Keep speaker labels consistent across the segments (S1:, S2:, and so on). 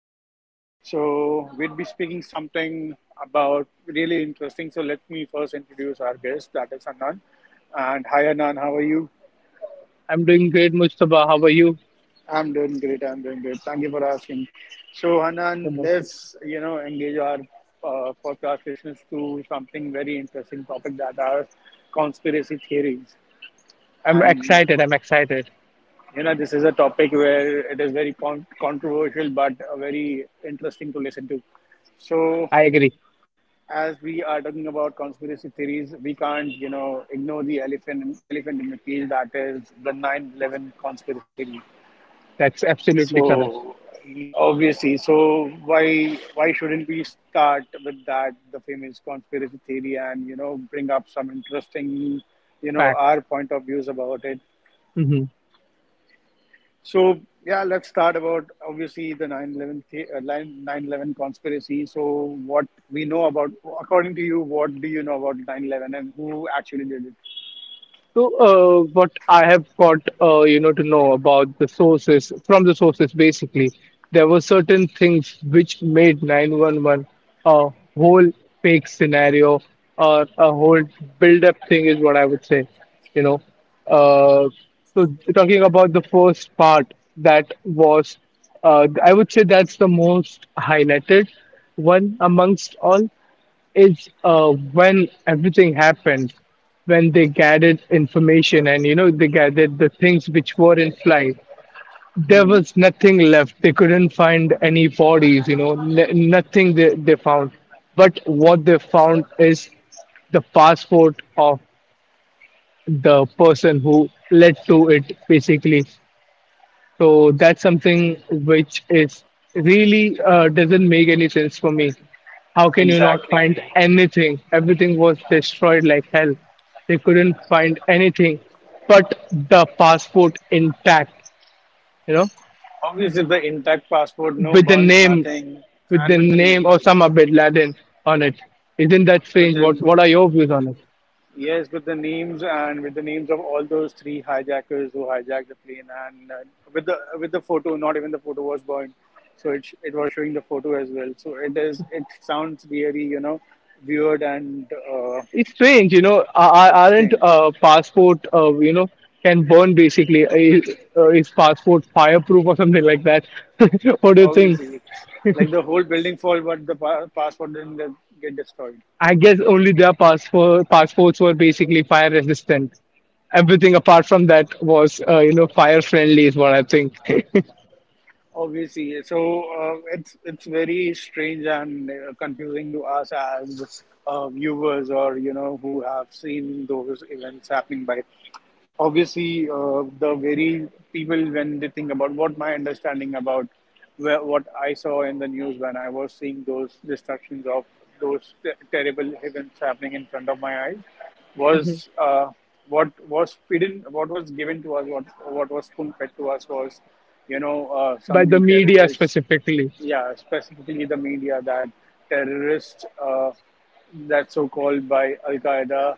S1: Hanan. So we'll be speaking something about really interesting. So let me first introduce our guest, that is Hanan. And hi, Hanan, how are you?
S2: I'm doing great, Mustafa. How are you?
S1: I'm doing great, I'm doing great. Thank you for asking. So,
S2: I'm
S1: Hanan, let's, you know, engage our podcast listeners to something very interesting topic that are conspiracy theories. And
S2: excited. I'm excited.
S1: you know, this is a topic where it is very controversial but very interesting to listen to. So
S2: I agree.
S1: as we are talking about conspiracy theories, we can't, you know, ignore the elephant in the cage, that is the 9/11 conspiracy theory.
S2: That's absolutely correct.
S1: So, obviously, so why shouldn't we start with that the famous conspiracy theory and you know bring up some interesting, you know,
S2: Fact.
S1: our point of views about it? So yeah, let's start about obviously the 9 11 conspiracy. So what we know according to you, what do you know about 9/11 and who actually did it?
S2: So, what I have got, you know, to know about the sources from the sources, basically, there were certain things which made 911 a whole fake scenario or a whole build-up thing is what I would say, you know. Uh, so talking about the first part, that was, I would say that's the most highlighted one amongst all it's when everything happened, when they gathered information, and you know they gathered the things which were in flight. There
S1: Hmm
S2: was nothing left. They couldn't find any bodies. You know, nothing they found. But what they found is the passport of the person who led to it, basically. So that's something which is really doesn't make any sense for me. How can you not find anything? Everything was destroyed like hell. They couldn't find anything but the passport intact, you know,
S1: Obviously, the intact passport, no
S2: with the
S1: burns,
S2: name,
S1: nothing,
S2: with
S1: and
S2: the
S1: with the
S2: name
S1: names,
S2: Osama bin Laden on it. Isn't that
S1: with
S2: strange?
S1: the
S2: What are your views on it?
S1: Yes, with the names, and with the names of all those three hijackers who hijacked the plane, and with the photo. Not even the photo was burned, so it was showing the photo as well. So it is, it sounds really, you know, weird and
S2: It's strange, you know.
S1: it's
S2: Aren't
S1: strange.
S2: passport, you know, can burn, basically? Is is passport fireproof or something like that? What do you think?
S1: Obviously, like the whole building fall, but the passport didn't get destroyed.
S2: I guess only their passports were basically fire resistant. Everything apart from that was, you know, fire friendly is what I think.
S1: Obviously, so it's very strange and confusing to us as viewers, or you know, who have seen those events happening by. Obviously, the very people when they think about what my understanding about what I saw in the news when I was seeing those destructions of those terrible events happening in front of my eyes
S2: Mhm.
S1: was what was feeding, what was given to us, what was spoon fed to us was, you know,
S2: By the
S1: some
S2: media
S1: terrorists,
S2: specifically.
S1: yeah, specifically the media, that terrorists that's so called, by Al Qaeda,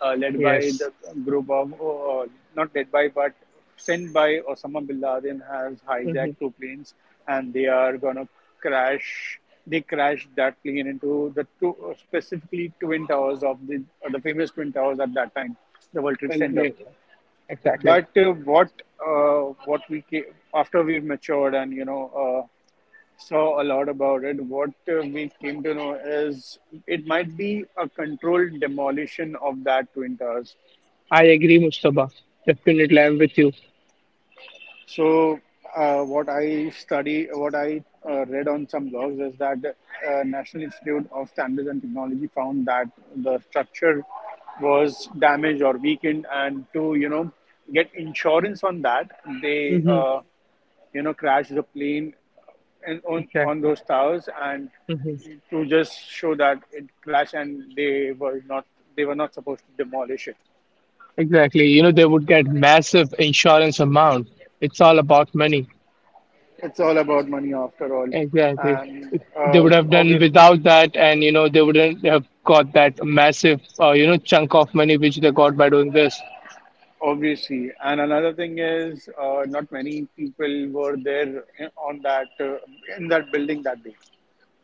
S1: led by
S2: Yes.
S1: the group of, not led by, but sent by Osama bin Laden, has
S2: hmm
S1: hijacked two planes, and they are going to crash. They crashed that plane into the two, specifically Twin Towers of the famous Twin Towers at that time, the World Trade Center.
S2: Exactly.
S1: But what we came, after we've matured and you know uh, saw a lot about it, what we came to know is it might be a controlled demolition of that twin towers.
S2: I agree, Mustafa. Definitely, I'm with you.
S1: So, what I study, what I read on some blogs is that National Institute of Standards and Technology found that the structure was damaged or weakened, and to you know get insurance on that, they
S2: Hmm
S1: you know crashed the plane and on
S2: Exactly.
S1: those towers, and
S2: hmm
S1: to just show that it crashed, and they were not supposed to demolish it.
S2: Exactly. You know, they would get massive insurance amount. It's all about money.
S1: It's all about money after all,
S2: Exactly.
S1: and
S2: If they would have done without that, and you know, they wouldn't have got that massive, you know, chunk of money which they got by doing this.
S1: Obviously, and another thing is, not many people were there on that in that building that day.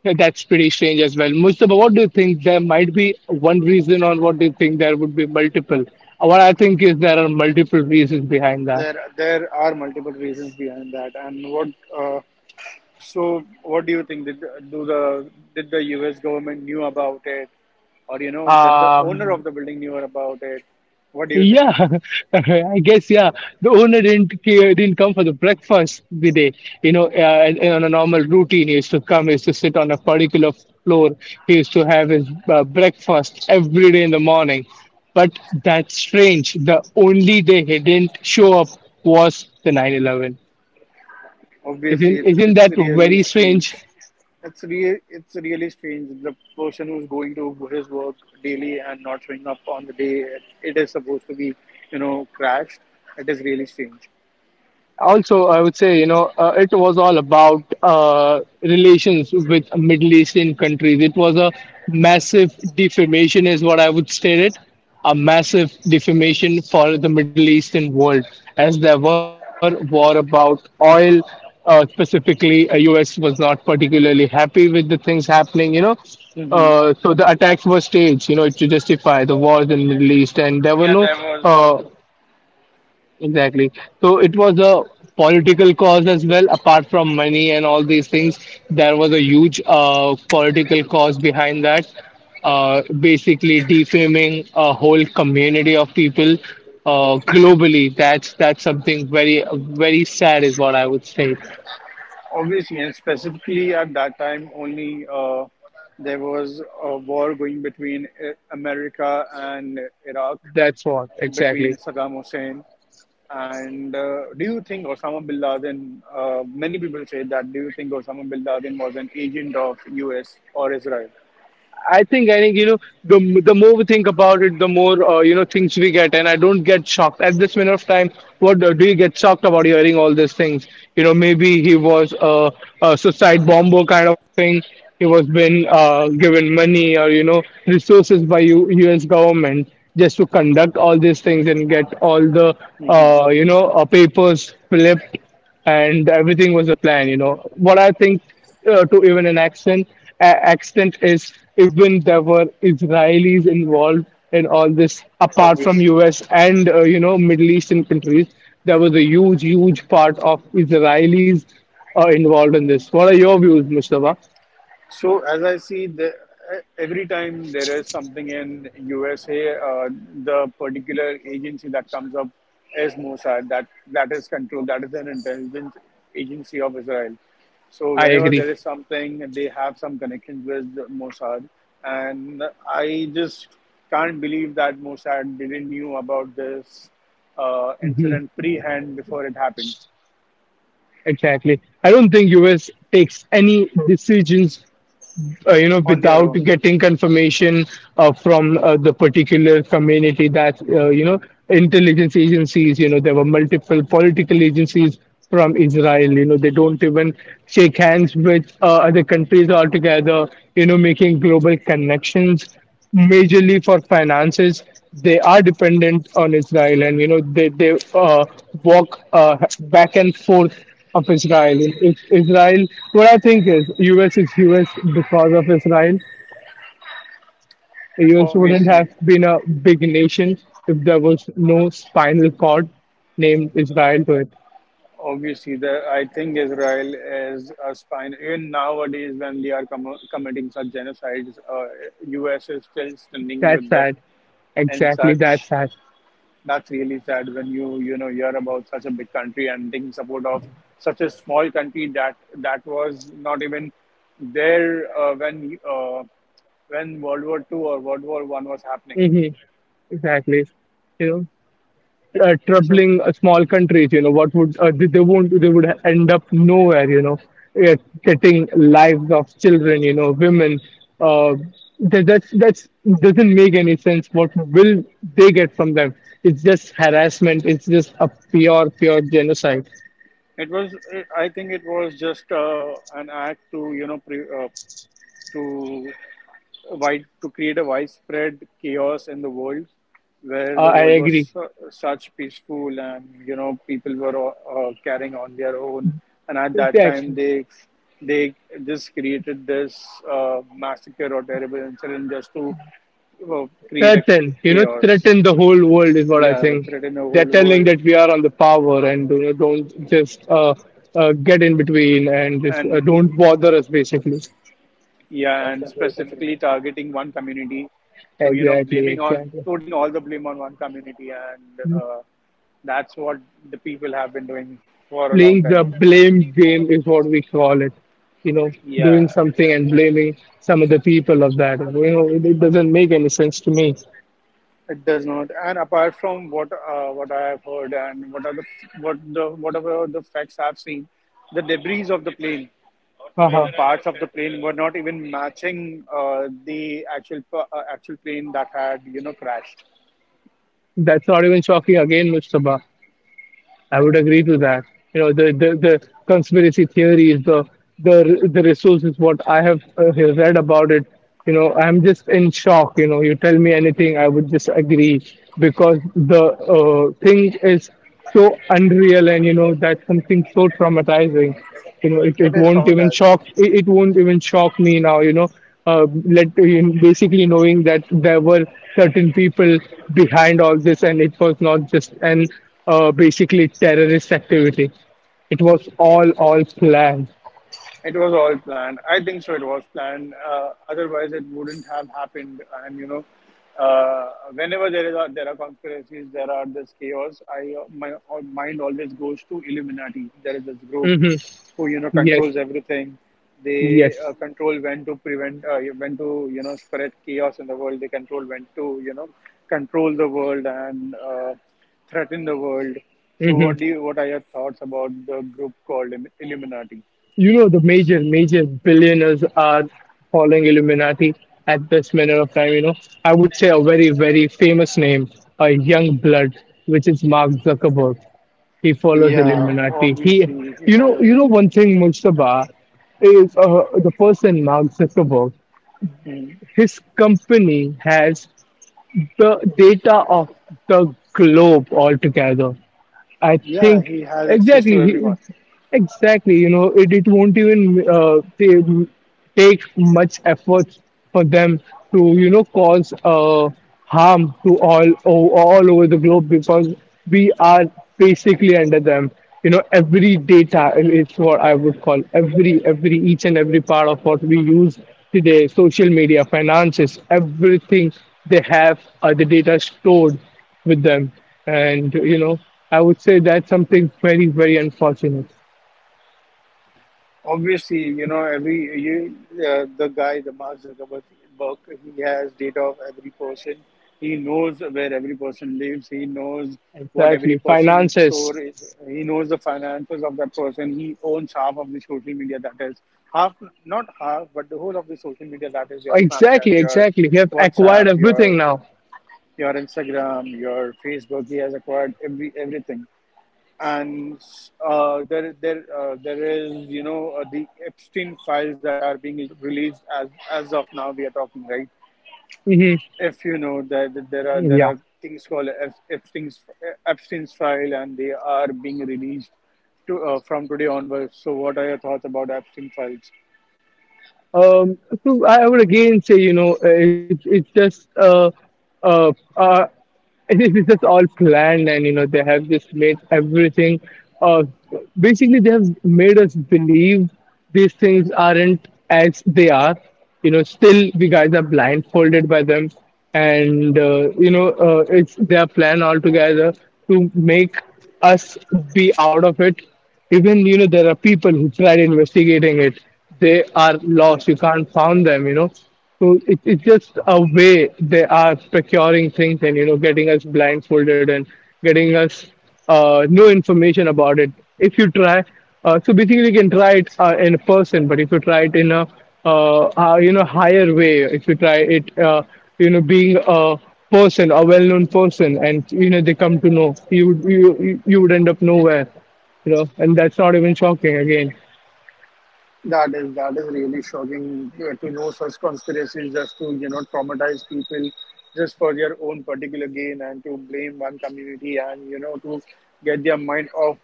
S2: Yeah, that's pretty strange as well. Mustafa, what do you think? There might be one reason, or what do you think there would be multiple? What I think is there are multiple reasons behind that.
S1: There are multiple reasons behind that. And what, uh, so what do you think? Did do the did the U.S. government knew about it, or you know, that the owner of the building knew about it? What do you think?
S2: Yeah, I guess yeah. The owner didn't come for the breakfast the day. You know, and on a normal routine, he used to come, he used to sit on a particular floor. He used to have his breakfast every day in the morning. But that's strange. The only day he didn't show up was the 9/11.
S1: Obviously,
S2: Isn't isn't
S1: it's
S2: that
S1: really
S2: very
S1: strange.
S2: strange?
S1: It's really strange. The person who's going to his work daily and not showing up on the day it is supposed to be, you know, crashed. It is really strange.
S2: Also, I would say, you know, it was all about relations with Middle Eastern countries. It was a massive defamation is what I would state it, a massive defamation for the Middle Eastern world, as there were war about oil, specifically, US was not particularly happy with the things happening, you know.
S1: Hmm
S2: So the attacks were staged, you know, to justify the wars in Middle East, and there were
S1: Yeah,
S2: no
S1: there was
S2: uh, exactly. So it was a political cause as well, apart from money and all these things. There was a huge political cause behind that, basically defaming a whole community of people, globally. That's something very very sad, is what I would say.
S1: obviously, and specifically at that time, only there was a war going between America and Iraq,
S2: That's what
S1: between
S2: exactly.
S1: Saddam Hussein and do you think Osama bin Laden? Many people say that. Do you think Osama bin Laden was an agent of U.S. or Israel?
S2: I think you know the more we think about it, the more, you know, things we get, and I don't get shocked at this minute of time. What, do you get shocked about hearing all these things? You know, maybe he was a suicide bomber kind of thing. He was been given money or you know resources by U.S. government just to conduct all these things and get all the
S1: Hmm
S2: you know papers flipped, and everything was a plan, you know what I think. To even an accent, extent, is even there were Israelis involved in all this apart from
S1: Obviously.
S2: US and, you know, Middle Eastern countries. There was a huge part of Israelis involved in this. What are your views, Mustafa?
S1: So as I see, every time there is something in USA, the particular agency that comes up is Mossad. That is controlled. That is an intelligence agency of Israel. So
S2: I
S1: whenever
S2: agree.
S1: there is something, they have some connections with Mossad, and I just can't believe that Mossad didn't knew about this
S2: Hmm
S1: incident pre-hand before it happened
S2: exactly, I don't think US takes any decisions, you know,
S1: on their
S2: without
S1: own,
S2: getting confirmation, from, the particular community that, you know, intelligence agencies. You know, there were multiple political agencies from Israel, you know, they don't even shake hands with other countries altogether, you know, making global connections majorly for finances. They are dependent on Israel, and you know they walk back and forth of Israel. If Israel, what I think is US is US because of Israel. US wouldn't
S1: obviously.
S2: have been a big nation if there was no spinal cord named Israel to it.
S1: Obviously, I think Israel is a spine. Even nowadays, when they are committing such genocides, US is still standing
S2: That's
S1: with them
S2: sad.
S1: and
S2: Exactly.
S1: such.
S2: That's sad.
S1: That's really sad when you know hear about such a big country and taking support of such a small country that that was not even there when World War Two or World War One was happening.
S2: Hmm Exactly. You know,
S1: So
S2: troubling small countries. You know what would they won't, they would end up nowhere. You know, uh, getting lives of children. You know, women. Uh, that's that's doesn't make any sense. What will they get from them? It's just harassment. It's just a pure genocide.
S1: it was, I think, it was just an act to you know pre- to wide to create a widespread chaos in the world where the
S2: I
S1: world was
S2: agree.
S1: such peaceful, and you know people were carrying on their own, and at that time they just created this massacre or terrible incident just to create a
S2: Threaten, you know,
S1: chaos.
S2: threaten the whole world is what I
S1: Yeah,
S2: think.
S1: threaten the
S2: They're
S1: whole world.
S2: telling that we are on the power, and you know, don't just get in between and just
S1: And
S2: don't bother us, basically.
S1: yeah, and specifically targeting one community to, you know,
S2: Exactly,
S1: blaming on,
S2: exactly.
S1: putting all the blame on one community. And that's what the people have been doing for a long
S2: Playing the
S1: time.
S2: blame game is what we call it. You know,
S1: Yeah,
S2: doing something and blaming some of the people of that. You know, it doesn't make any sense to me.
S1: it does not. And apart from what I have heard and what are the whatever the facts I've seen, the debris of the plane, the
S2: Uh-huh.
S1: parts of the plane were not even matching actual plane that had you know crashed.
S2: That's not even shocking again, Mustafa. I would agree to that. You know, the conspiracy theories, the resources, what I have read about it. You know, I'm just in shock. You know, you tell me anything, I would just agree, because the thing is so unreal, and you know that's something so traumatizing. You know, it
S1: It is
S2: won't even
S1: traumatizing.
S2: shock, it won't even shock me now, you know. Let basically knowing that there were certain people behind all this, and it was not just an basically terrorist activity. It was all planned.
S1: It was all planned. I think so. It was planned. Otherwise, it wouldn't have happened. And you know, whenever there is there are conspiracies, there are this chaos. I my mind always goes to Illuminati. There is this group
S2: Hmm
S1: who you know
S2: yes.
S1: controls everything. They
S2: Yes.
S1: control when to prevent, when to you know spread chaos in the world. They control when to you know control the world and threaten the world. So,
S2: hmm
S1: what are your thoughts about the group called Illuminati?
S2: you know, the major billionaires are following Illuminati at this minute of time, you know. I would say a very famous name, a young blood, which is Mark Zuckerberg. He follows
S1: Yeah,
S2: Illuminati. He,
S1: obviously if he
S2: you
S1: follows
S2: know one thing, Mustafa, is the person Mark Zuckerberg.
S1: him. Mhm.
S2: His company has the data of the globe altogether. I
S1: Yeah,
S2: think
S1: he has access to everyone.
S2: it's exactly, you know, it won't even take much effort for them to you know cause harm to all all over the globe, because we are basically under them. You know, every data is what I would call. Every each and every part of what we use today, social media, finances, everything, they have the data stored with them. And, you know, I would say that's something very unfortunate.
S1: Obviously, you know every you, the guy, the Mark Zuckerberg, he has data of every person. He knows where every person lives. He knows what every
S2: Exactly.
S1: person's
S2: Finances.
S1: store is. He knows the finances of that person. He owns half of the social media, that is half, not half, but the whole of the social media, that is your
S2: Exactly,
S1: Snapchat, your
S2: exactly. You have acquired
S1: WhatsApp,
S2: everything now.
S1: your Instagram, your Facebook. He has acquired everything, and there there is you know the Epstein files that are being released as of now. We are talking right.
S2: Hmm
S1: If you know that there
S2: Yeah.
S1: are things called Epstein's file, and they are being released to from today onwards. So, what are your thoughts about Epstein files?
S2: Um, so I would again say, you know, it's just uh, uh, it's just all planned, and you know they have just made everything uh basically. They have made us believe these things aren't as they are. You know, still we guys are blindfolded by them, and you know, it's their plan altogether to make us be out of it. Even, you know, there are people who tried investigating it, they are lost, you can't find them, you know. So, it's just a way they are procuring things, and you know getting us blindfolded and getting us no information about it. If you try, so basically you can try it in a person, but if you try it in a you know higher way, if you try it, you know, being a person, a well-known person, and you know they come to know you, you would end up nowhere, you know, and that's not even shocking again.
S1: That is, that is really shocking to know such conspiracies, just to you know traumatize people just for their own particular gain, and to blame one community and you know to get their mind off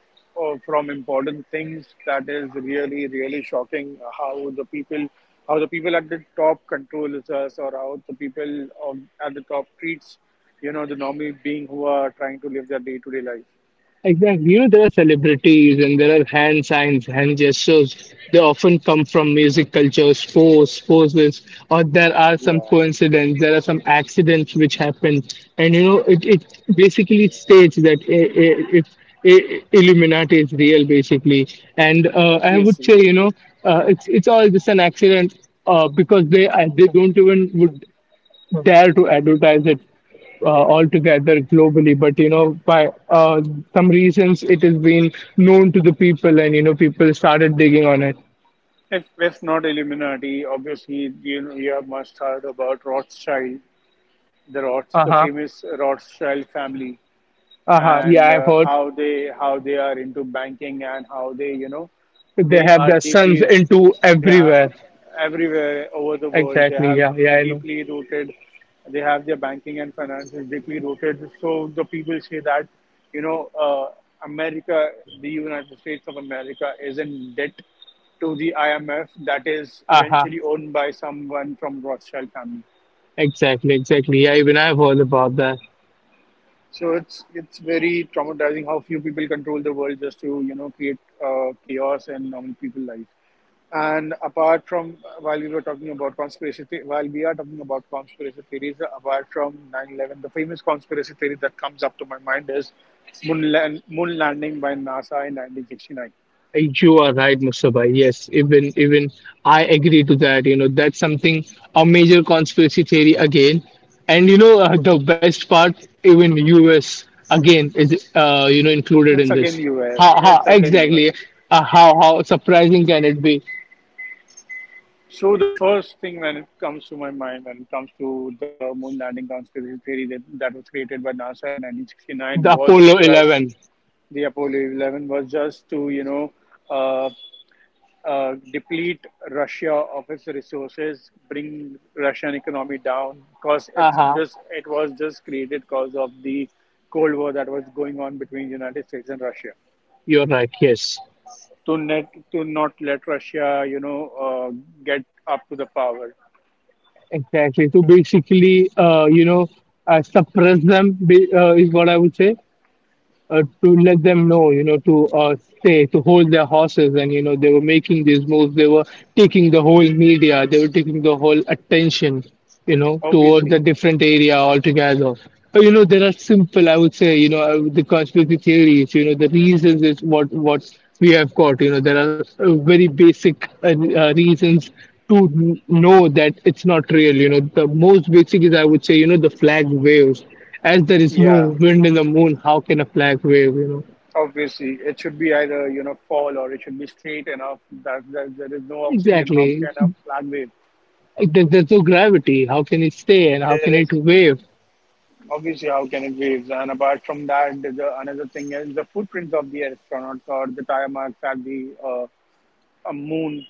S1: from important things. That is really, really shocking how the people at the top controls us, or how the people at the top treats, you know, the normal being who are trying to live their day to day life.
S2: Exactly. You know, there are celebrities, and there are hand signs, hand gestures. They often come from music culture, sports, or there are some
S1: Yeah,
S2: coincidence, there are some accidents which happen. And, you know, it basically states that if Illuminati is real, basically. And I would say,
S1: obviously.
S2: you know, it's all just an accident, because they don't even would dare to advertise it, uh, altogether globally, but you know by some reasons it has been known to the people, and you know people started digging on it.
S1: If not Illuminati, obviously you know, you have must heard about Rothschild, the
S2: Uh-huh.
S1: famous Rothschild family,
S2: Uh-huh, yeah,
S1: and
S2: I've heard.
S1: how they are into banking, and how they you know
S2: They
S1: they
S2: have
S1: are
S2: their
S1: deeply,
S2: sons into
S1: they have
S2: everywhere.
S1: everywhere over the world, they
S2: Exactly,
S1: have
S2: yeah, yeah, I know.
S1: deeply rooted, they have their banking and finances deeply rooted. So the people say that you know America, the United States of America, is in debt to the IMF, that is
S2: Uh-huh,
S1: eventually owned by someone from Rothschild family.
S2: exactly, exactly, yeah, even I've heard about that.
S1: So it's very traumatizing how few people control the world just to you know create chaos in normal people life. And apart from while we are talking about conspiracy theories, apart from 9/11, the famous conspiracy theory that comes up to my mind is moon landing by NASA in 1969.
S2: You are right, Mustafa. Yes, even I agree to that. You know, that's something a major conspiracy theory again. And you know, the best part, even US again is you know included in
S1: It's
S2: this.
S1: again US.
S2: How
S1: It's again US.
S2: exactly? How surprising can it be?
S1: So the first thing when it comes to my mind, when it comes to the moon landing conspiracy theory that was created by NASA in 1969,
S2: The
S1: was
S2: Apollo 11.
S1: just the Apollo 11 was just to uh, deplete Russia of its resources, bring Russian economy down, because
S2: Uh-huh.
S1: it was just created because of the Cold War that was going on between the United States and Russia
S2: You're right. Yes,
S1: to net to not let Russia get up to the power.
S2: exactly. So basically, you know, suppress them, is what I would say. To let them know, you know, to stay, to hold their horses. And, you know, they were making these moves. They were taking the whole media, they were taking the whole attention, you know, towards
S1: Obviously.
S2: a different area altogether. But, you know, there are simple, I would say, you know, the conspiracy theories, you know, the reasons is what we have got. You know, there are very basic reasons to know that it's not real. You know, the most basic is, I would say, you know, the flag waves as there is no
S1: Yeah,
S2: wind in the moon. How can a flag wave? You know,
S1: obviously, it should be either fall, or it should be straight enough that there is no oxygen. How
S2: exactly.
S1: can a flag wave?
S2: There's no gravity. How can it stay and how
S1: There
S2: can
S1: is
S2: it wave?
S1: Obviously, how can it waves? And apart from that, the another thing is the footprints of the astronauts or the tire marks at the a moon.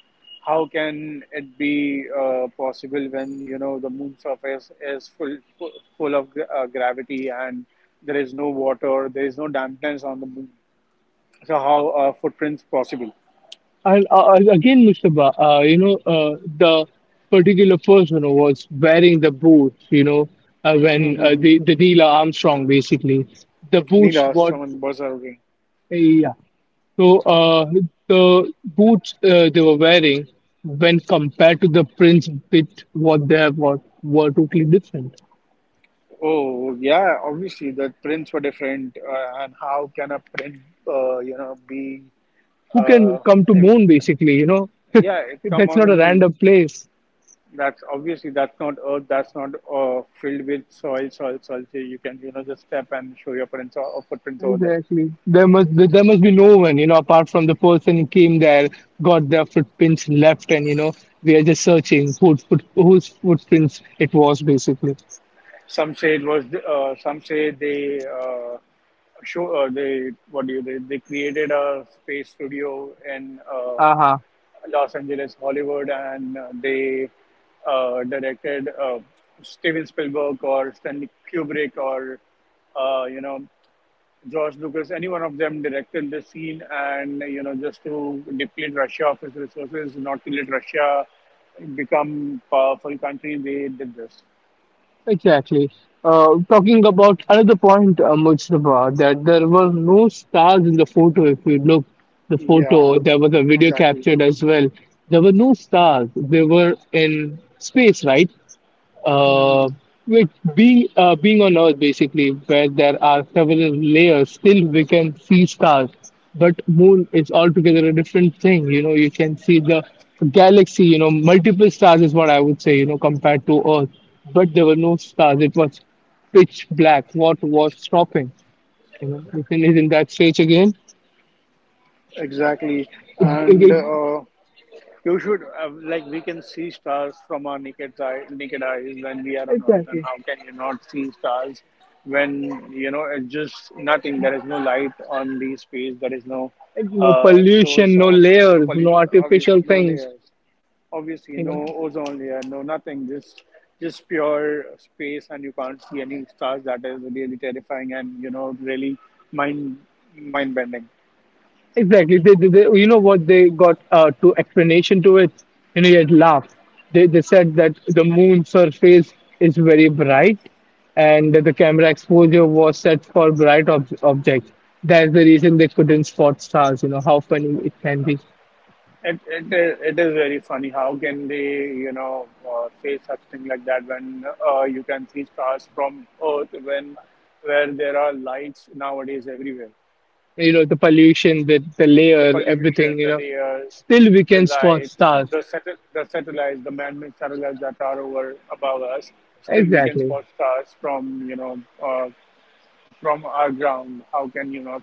S1: How can it be possible when the moon surface is full of gravity, and there is no water, there is no dampness on the moon? So how are footprints possible?
S2: And Again, Mr. Ba, you know, the particular person who was wearing the boots. You know, when the the Neil Armstrong basically, the boots
S1: Neelas
S2: what,
S1: someone was arguing.
S2: yeah. So the boots they were wearing, when compared to the prints bit what they have, what were totally different.
S1: Oh yeah, obviously the prints were different, and how can a print, be,
S2: Who can
S1: uh,
S2: come to
S1: im-
S2: moon basically, you know?
S1: yeah, it come
S2: That's
S1: on
S2: not
S1: the
S2: a
S1: moon?
S2: random place.
S1: That's obviously that's not Earth. That's not filled with soil. So you can just step and show your prints, or footprints over there.
S2: Exactly, there must be no one, you know, apart from the person who came there, got their footprints left, and you know we are just searching whose footprints it was basically.
S1: Some say it was. Some say they. Show they what do you they created a space studio in
S2: Uh-huh.
S1: Los Angeles, Hollywood, and they directed Steven Spielberg or Stanley Kubrick or uh, you know George Lucas. Any one of them directed the scene, and just to deplete Russia of its resources, not to let Russia become powerful country, they did this.
S2: Exactly. Talking about another point, Mujtaba, that there were no stars in the photo. If you look the
S1: Yeah,
S2: photo, there was a video
S1: exactly.
S2: captured as well. There were no stars. They were in space, right? uh,
S1: Mhm.
S2: with being on Earth basically, where there are several layers, still we can see stars. But moon is altogether a different thing. You know, you can see the galaxy. You know, multiple stars is what I would say. You know, compared to Earth, but there were no stars. It was pitch black. What was stopping? You know, the thing is in that stage again.
S1: Exactly. And uh, You should like we can see stars from our naked eyes when we are on Earth, and
S2: Exactly.
S1: how can you not see stars when it's just nothing? There is no light on the space. There is no
S2: Like, no
S1: source
S2: pollution, no
S1: of, no
S2: layers, no
S1: pollution. Obviously,
S2: artificial
S1: no
S2: things.
S1: layers. Obviously,
S2: You
S1: no
S2: know.
S1: ozone layer. No nothing. Just pure space, and you can't see any stars. That is really terrifying, and really mind mind bending.
S2: Exactly. You know what they got to explanation to it? You know, you'd laugh. They said that the moon surface is very bright, and that the camera exposure was set for bright objects. That's the reason they couldn't spot stars. You know, how funny it can be.
S1: It is very funny. How can they, say such thing like that, when you can see stars from Earth, when where there are lights nowadays everywhere?
S2: You know, the pollution, the
S1: The
S2: layer,
S1: pollution,
S2: everything, you
S1: the
S2: know.
S1: layers,
S2: Still, we
S1: the
S2: can spot
S1: lights,
S2: stars.
S1: the man-made satellites that are over above us. Still, we can
S2: Exactly.
S1: spot stars from our ground? How can you not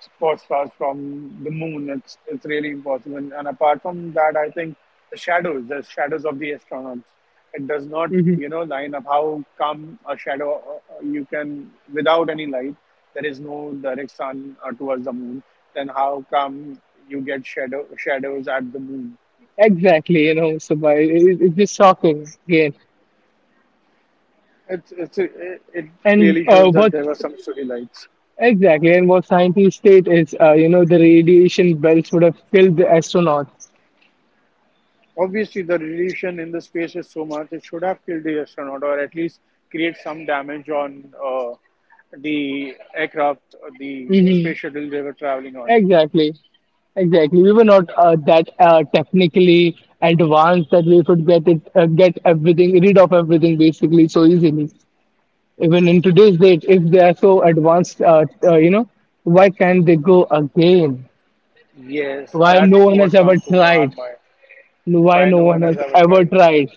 S1: spot stars from the moon? It's really impossible. And apart from that, I think the shadows, of the astronauts, it does not
S2: Hmm.
S1: line up. How come a shadow you can without any light? There is no direct sun towards the moon. Then how come you get shadows at the moon?
S2: Exactly, you know, so by it, it's just shocking again.
S1: It
S2: And
S1: clearly
S2: uh,
S1: shows that
S2: what
S1: there were some study lights.
S2: Exactly, and what scientists state is, you know, the radiation belts would have killed the astronauts.
S1: Obviously, the radiation in the space is so much, it should have killed the astronaut, or at least create some damage on the aircraft, the
S2: Hmm.
S1: space shuttle they were traveling on.
S2: Exactly, exactly. We were not that technically advanced that we could get it, get everything rid of everything basically so easily. Even in today's date, if they are so advanced, you know, why can't they go again?
S1: Yes,
S2: Why no
S1: that's
S2: one has
S1: what
S2: ever
S1: come to our
S2: tried?
S1: mind.
S2: Why
S1: Why
S2: no
S1: no
S2: one
S1: one has
S2: has
S1: ever
S2: ever
S1: tried?
S2: tried.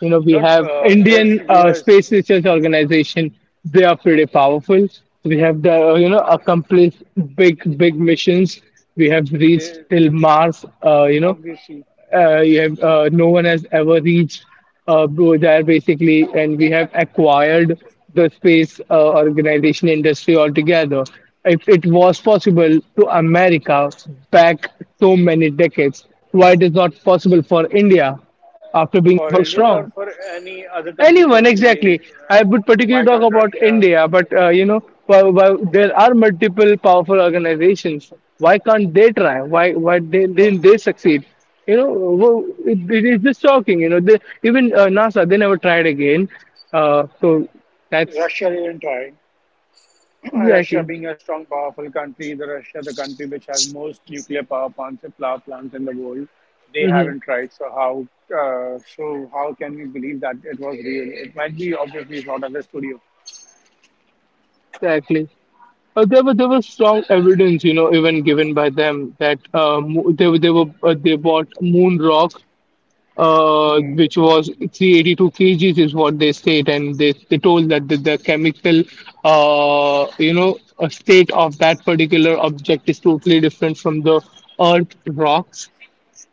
S2: You know, we
S1: Not
S2: have
S1: if
S2: Indian Space
S1: US,
S2: Research Organization. They are pretty powerful. We have the you know accomplished big big missions. We have reached
S1: they,
S2: till Mars. You know,
S1: obviously,
S2: no one has ever reached uh, there basically, and we have acquired the space organization industry altogether. If it was possible to America back so many decades, why it is not possible for India after being
S1: for
S2: so
S1: India or
S2: strong?
S1: for any other country per
S2: Anyone,
S1: se.
S2: exactly. I would particularly
S1: Why
S2: talk
S1: can't
S2: about
S1: Russia?
S2: India, but you know, there are multiple powerful organizations. Why can't they try? Why didn't they succeed? You know, it, it is just shocking. You know, they, even NASA they never tried again. Uh, so that's.
S1: Russia didn't try. Russia
S2: Exactly.
S1: being a strong, powerful country, the Russia, the country which has most nuclear power plants, and power plants in the world, they
S2: Hmm.
S1: haven't tried. So how can we believe that it was real? It might be obviously it's not at the studio.
S2: Exactly. There was strong evidence, you know, even given by them that they were they bought moon rock which was 382 kgs is what they said, and they told that the chemical, you know, state of that particular object is totally different from the Earth rocks.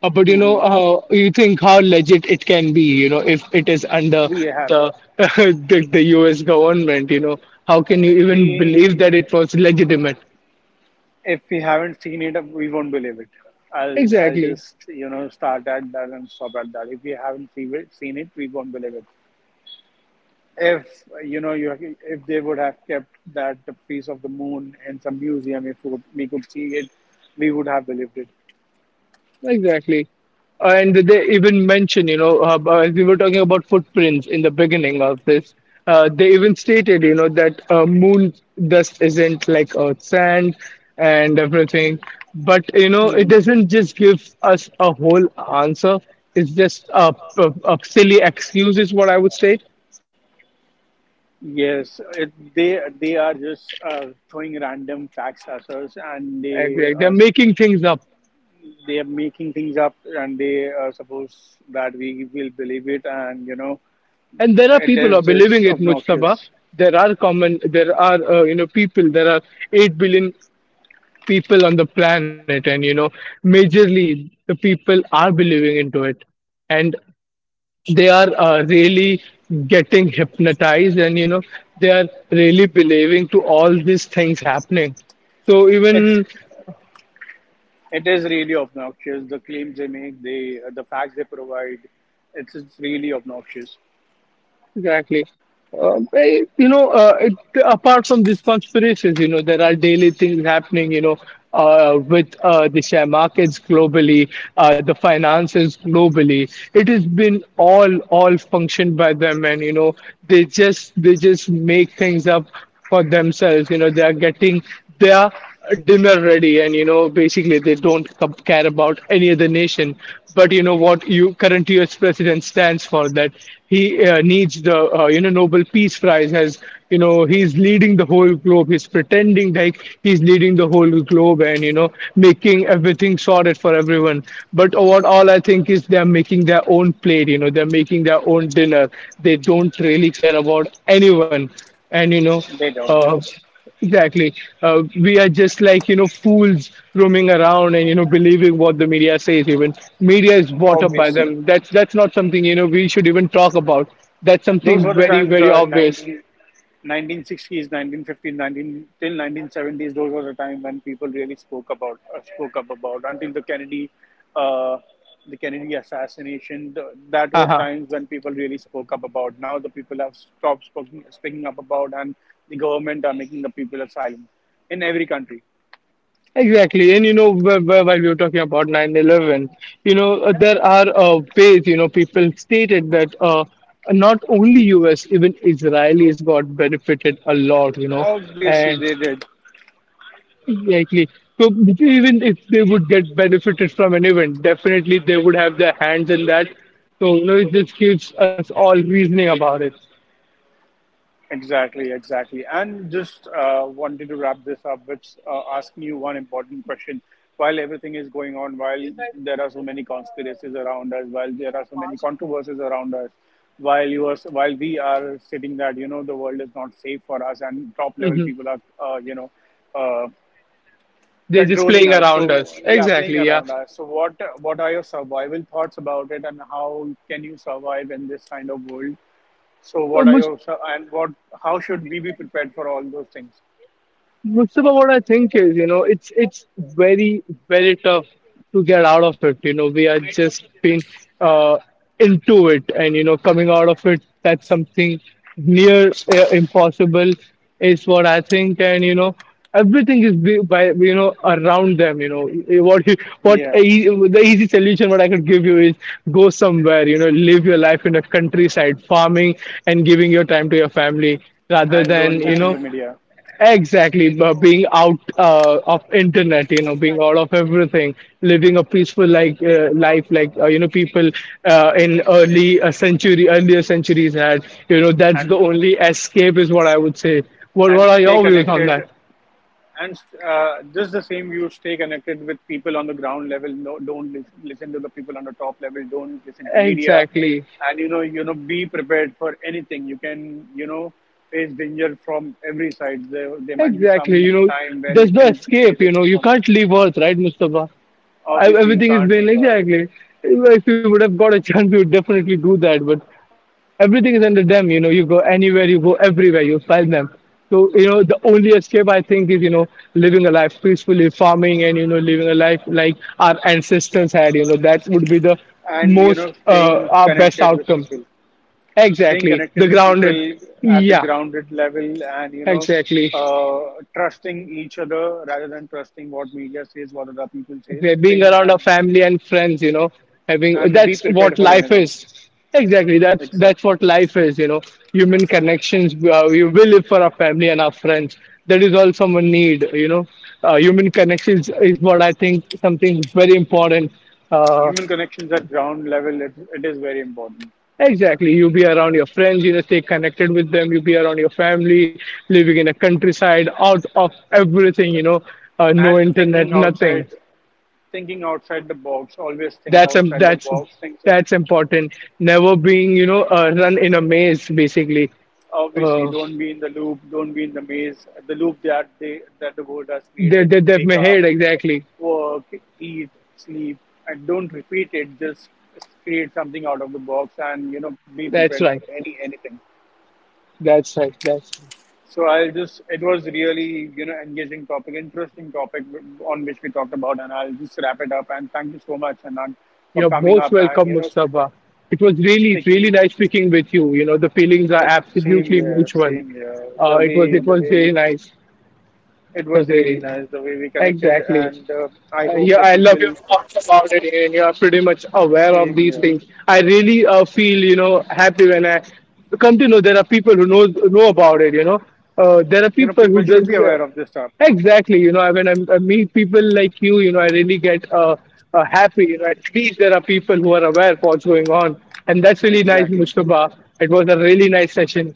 S2: But you know, you think how legit it can be, you know, if it is under
S1: We have,
S2: the U.S. government, you know, how can you even believe
S1: we,
S2: that it was legitimate?
S1: if we haven't seen it, we won't believe it. I'll
S2: Exactly,
S1: just start at that and stop at that. If we haven't seen it, we won't believe it. If you know you if they would have kept that the piece of the moon in some museum, if we could, we could see it, we would have believed it.
S2: exactly. And they even mention, you know, as we were talking about footprints in the beginning of this, they even stated, you know, that moon dust isn't like Earth sand and everything. But, you know, it doesn't just give us a whole answer. It's just a silly excuse, is what I would say.
S1: Yes, they are just throwing random facts at us, and
S2: Like, like they're making things up.
S1: they are making things up, and they suppose that we will believe it, and
S2: And there are
S1: it
S2: people who are
S1: is
S2: believing
S1: just
S2: it, Mustafa.
S1: obnoxious.
S2: There are common, there are, you know, people, there are 8 billion people on the planet, and you know majorly the people are believing into it, and they are really getting hypnotized, and you know they are really believing to all these things happening, so
S1: it's
S2: even
S1: it is really obnoxious, the claims they make, the facts they provide. It's really obnoxious.
S2: exactly. You know, apart from these conspiracies, you know, there are daily things happening, you know, with the share markets globally, the finances globally. It has been all functioned by them, and you know, they just make things up for themselves. You know, they are getting their dinner ready, and you know basically they don't care about any other nation. But you know what, you current US president stands for that he needs the you know Nobel Peace Prize, as you know he's leading the whole globe, he's pretending like he's leading the whole globe, and you know making everything sorted for everyone. But what all I think is they're making their own plate, you know, they're making their own dinner. They don't really care about anyone, and you know,
S1: They don't.
S2: uh, exactly. We are just like, you know, fools roaming around and, you know, believing what the media says even. Media is bought up by
S1: Obviously,
S2: them. That's not something, you know, we should even talk about. That's
S1: those
S2: something
S1: were the
S2: very,
S1: times.
S2: very obvious.
S1: 19, 1960s, 1950s, 19 fifties, nineteen till 1970s. Those were the time when people really spoke up about, until the Kennedy, uh, assassination. Th that were
S2: Uh-huh.
S1: times when people really spoke up about. Now the people have stopped speaking up about, and the government are making the people silent in every country.
S2: Exactly. And, you know, while we were talking about 9/11, you know, there are ways, you know, people stated that not only US, even Israelis got benefited a lot, you know.
S1: Obviously,
S2: And.
S1: they did.
S2: Exactly. So even if they would get benefited from an event, definitely they would have their hands in that. So you know, it just gives us all reasoning about it.
S1: Exactly, exactly. And just wanted to wrap this up with asking you one important question. While everything is going on, while there are so many conspiracies around us, while there are so many controversies around us, while we are sitting that the world is not safe for us, and top level
S2: Hmm.
S1: people are uh,
S2: They're just
S1: controlling
S2: playing
S1: us. So
S2: around us.
S1: yeah, playing
S2: Exactly. Yeah.
S1: around us. So what are your survival thoughts about it, and how can you survive in this kind of world? So
S2: So
S1: what are
S2: much.
S1: your and what? How should we be prepared for all those things?
S2: Mustafa, what I think is, you know, it's very tough to get out of it. You know, we are just been uh, into it, and you know, coming out of it, that's something near impossible, is what I think. And you know, everything is by you know around them. You know, eh, what you- what
S1: Yeah,
S2: e- the easy solution what I could give you is go somewhere. You know, live your life in a countryside, farming, and giving your time to your family, rather
S1: and
S2: than
S1: don't
S2: you
S1: listen
S2: know.
S1: to media,
S2: Exactly, but being out of internet, you know, being out of everything, living a peaceful life, you know, people in early century, earlier centuries had, you know, that's the
S1: and
S2: only escape, is what I would say. What What are
S1: stay
S2: your views on
S1: connected,
S2: that?
S1: and just the same, you stay connected with people on the ground level. No, don't listen to the people on the top level. Don't listen to media,
S2: Exactly.
S1: and be prepared for anything. You can face danger from every side. There might be
S2: Exactly,
S1: some
S2: you know,
S1: time when you
S2: there's no
S1: can
S2: escape,
S1: face
S2: you
S1: it
S2: know, you
S1: from.
S2: can't leave Earth, right, Mustafa? I,
S1: Obviously, you
S2: everything has
S1: can't
S2: been
S1: leave Earth,
S2: exactly. If you would have got a chance, you would definitely do that. But everything is under them, you know, you go anywhere, you go everywhere, you find them. So, you know, the only escape I think is, you know, living a life peacefully, farming, and, you know, living a life like our ancestors had, you know, that would be the
S1: and
S2: most,
S1: staying
S2: our best
S1: connected with
S2: outcome.
S1: people, staying
S2: Exactly.
S1: connected
S2: The
S1: with
S2: grounded.
S1: people at the
S2: Yeah,
S1: grounded level, and
S2: exactly.
S1: trusting each other rather than trusting what media says, what other people
S2: Okay,
S1: says
S2: being
S1: thing.
S2: around our
S1: And,
S2: family and friends, you know, having
S1: be
S2: that's
S1: prepared
S2: what
S1: for
S2: life
S1: anything.
S2: is. Exactly, that's
S1: Exactly.
S2: what life is, you know. Human connections. We will live for our family and our friends. That is all someone need, you know. Human connections is what I think something very important. Uh,
S1: Human connections at ground level, it is very important.
S2: exactly, you be around your friends, you know, stay connected with them. You be around your family, living in a countryside, out of everything, you know, no
S1: And
S2: internet, nothing.
S1: thinking outside the box. Always think
S2: that's um
S1: outside the
S2: that's
S1: box. Think so
S2: that's important, never being you know run in a maze basically.
S1: obviously,
S2: uh
S1: don't be in the loop, don't be in the maze, the loop that the world has created.
S2: they've
S1: Wake up,
S2: made, exactly.
S1: work, eat, sleep, and don't repeat it. Just create something out of the box, and be
S2: that's
S1: prepared
S2: right
S1: for anything.
S2: that's right That's right
S1: So I'll just. It was really engaging topic, interesting topic on which we talked about, and I'll just wrap it up. And thank you so much, Anand, for
S2: You're
S1: coming
S2: most
S1: up and
S2: welcome, Mustafa. It was really really
S1: speaking.
S2: nice speaking with you. You know, the feelings are
S1: Same
S2: absolutely
S1: here,
S2: mutual.
S1: same here.
S2: It was, it
S1: The
S2: was
S1: way
S2: really
S1: we.
S2: nice.
S1: It was really
S2: Kazari line.
S1: nice the way we connected,
S2: Exactly.
S1: and I hope
S2: Yeah,
S1: the
S2: I love your
S1: people.
S2: thoughts about it, and you are pretty much aware of
S1: Same
S2: these
S1: here.
S2: things. I really feel, you know, happy when I come to know there are people who know about it. You know, there are people who
S1: People
S2: does.
S1: should be
S2: Yeah.
S1: aware of this stuff.
S2: Exactly, you know, when I meet people like you know, I really get happy. You know, at least there are people who are aware of what's going on, and that's really nice,
S1: Exactly.
S2: Mustafa. It was a really nice session.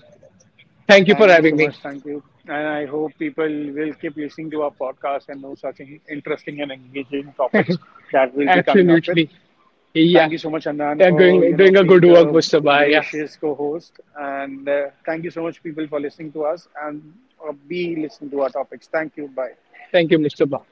S2: Thank you for
S1: Thank you
S2: having
S1: so
S2: me.
S1: much. Thank you. And I hope people will keep listening to our podcast and know such interesting and engaging topics that we'll be coming up with.
S2: Absolutely.
S1: Thank
S2: Yeah.
S1: you so much, Andan,
S2: They're
S1: for
S2: doing a
S1: being
S2: good
S1: the
S2: work, Mustafa. Yeah.
S1: gracious co-host, and thank you so much, people, for listening to us, and be listening to our topics. Thank you. Bye.
S2: Thank you, Mustafa.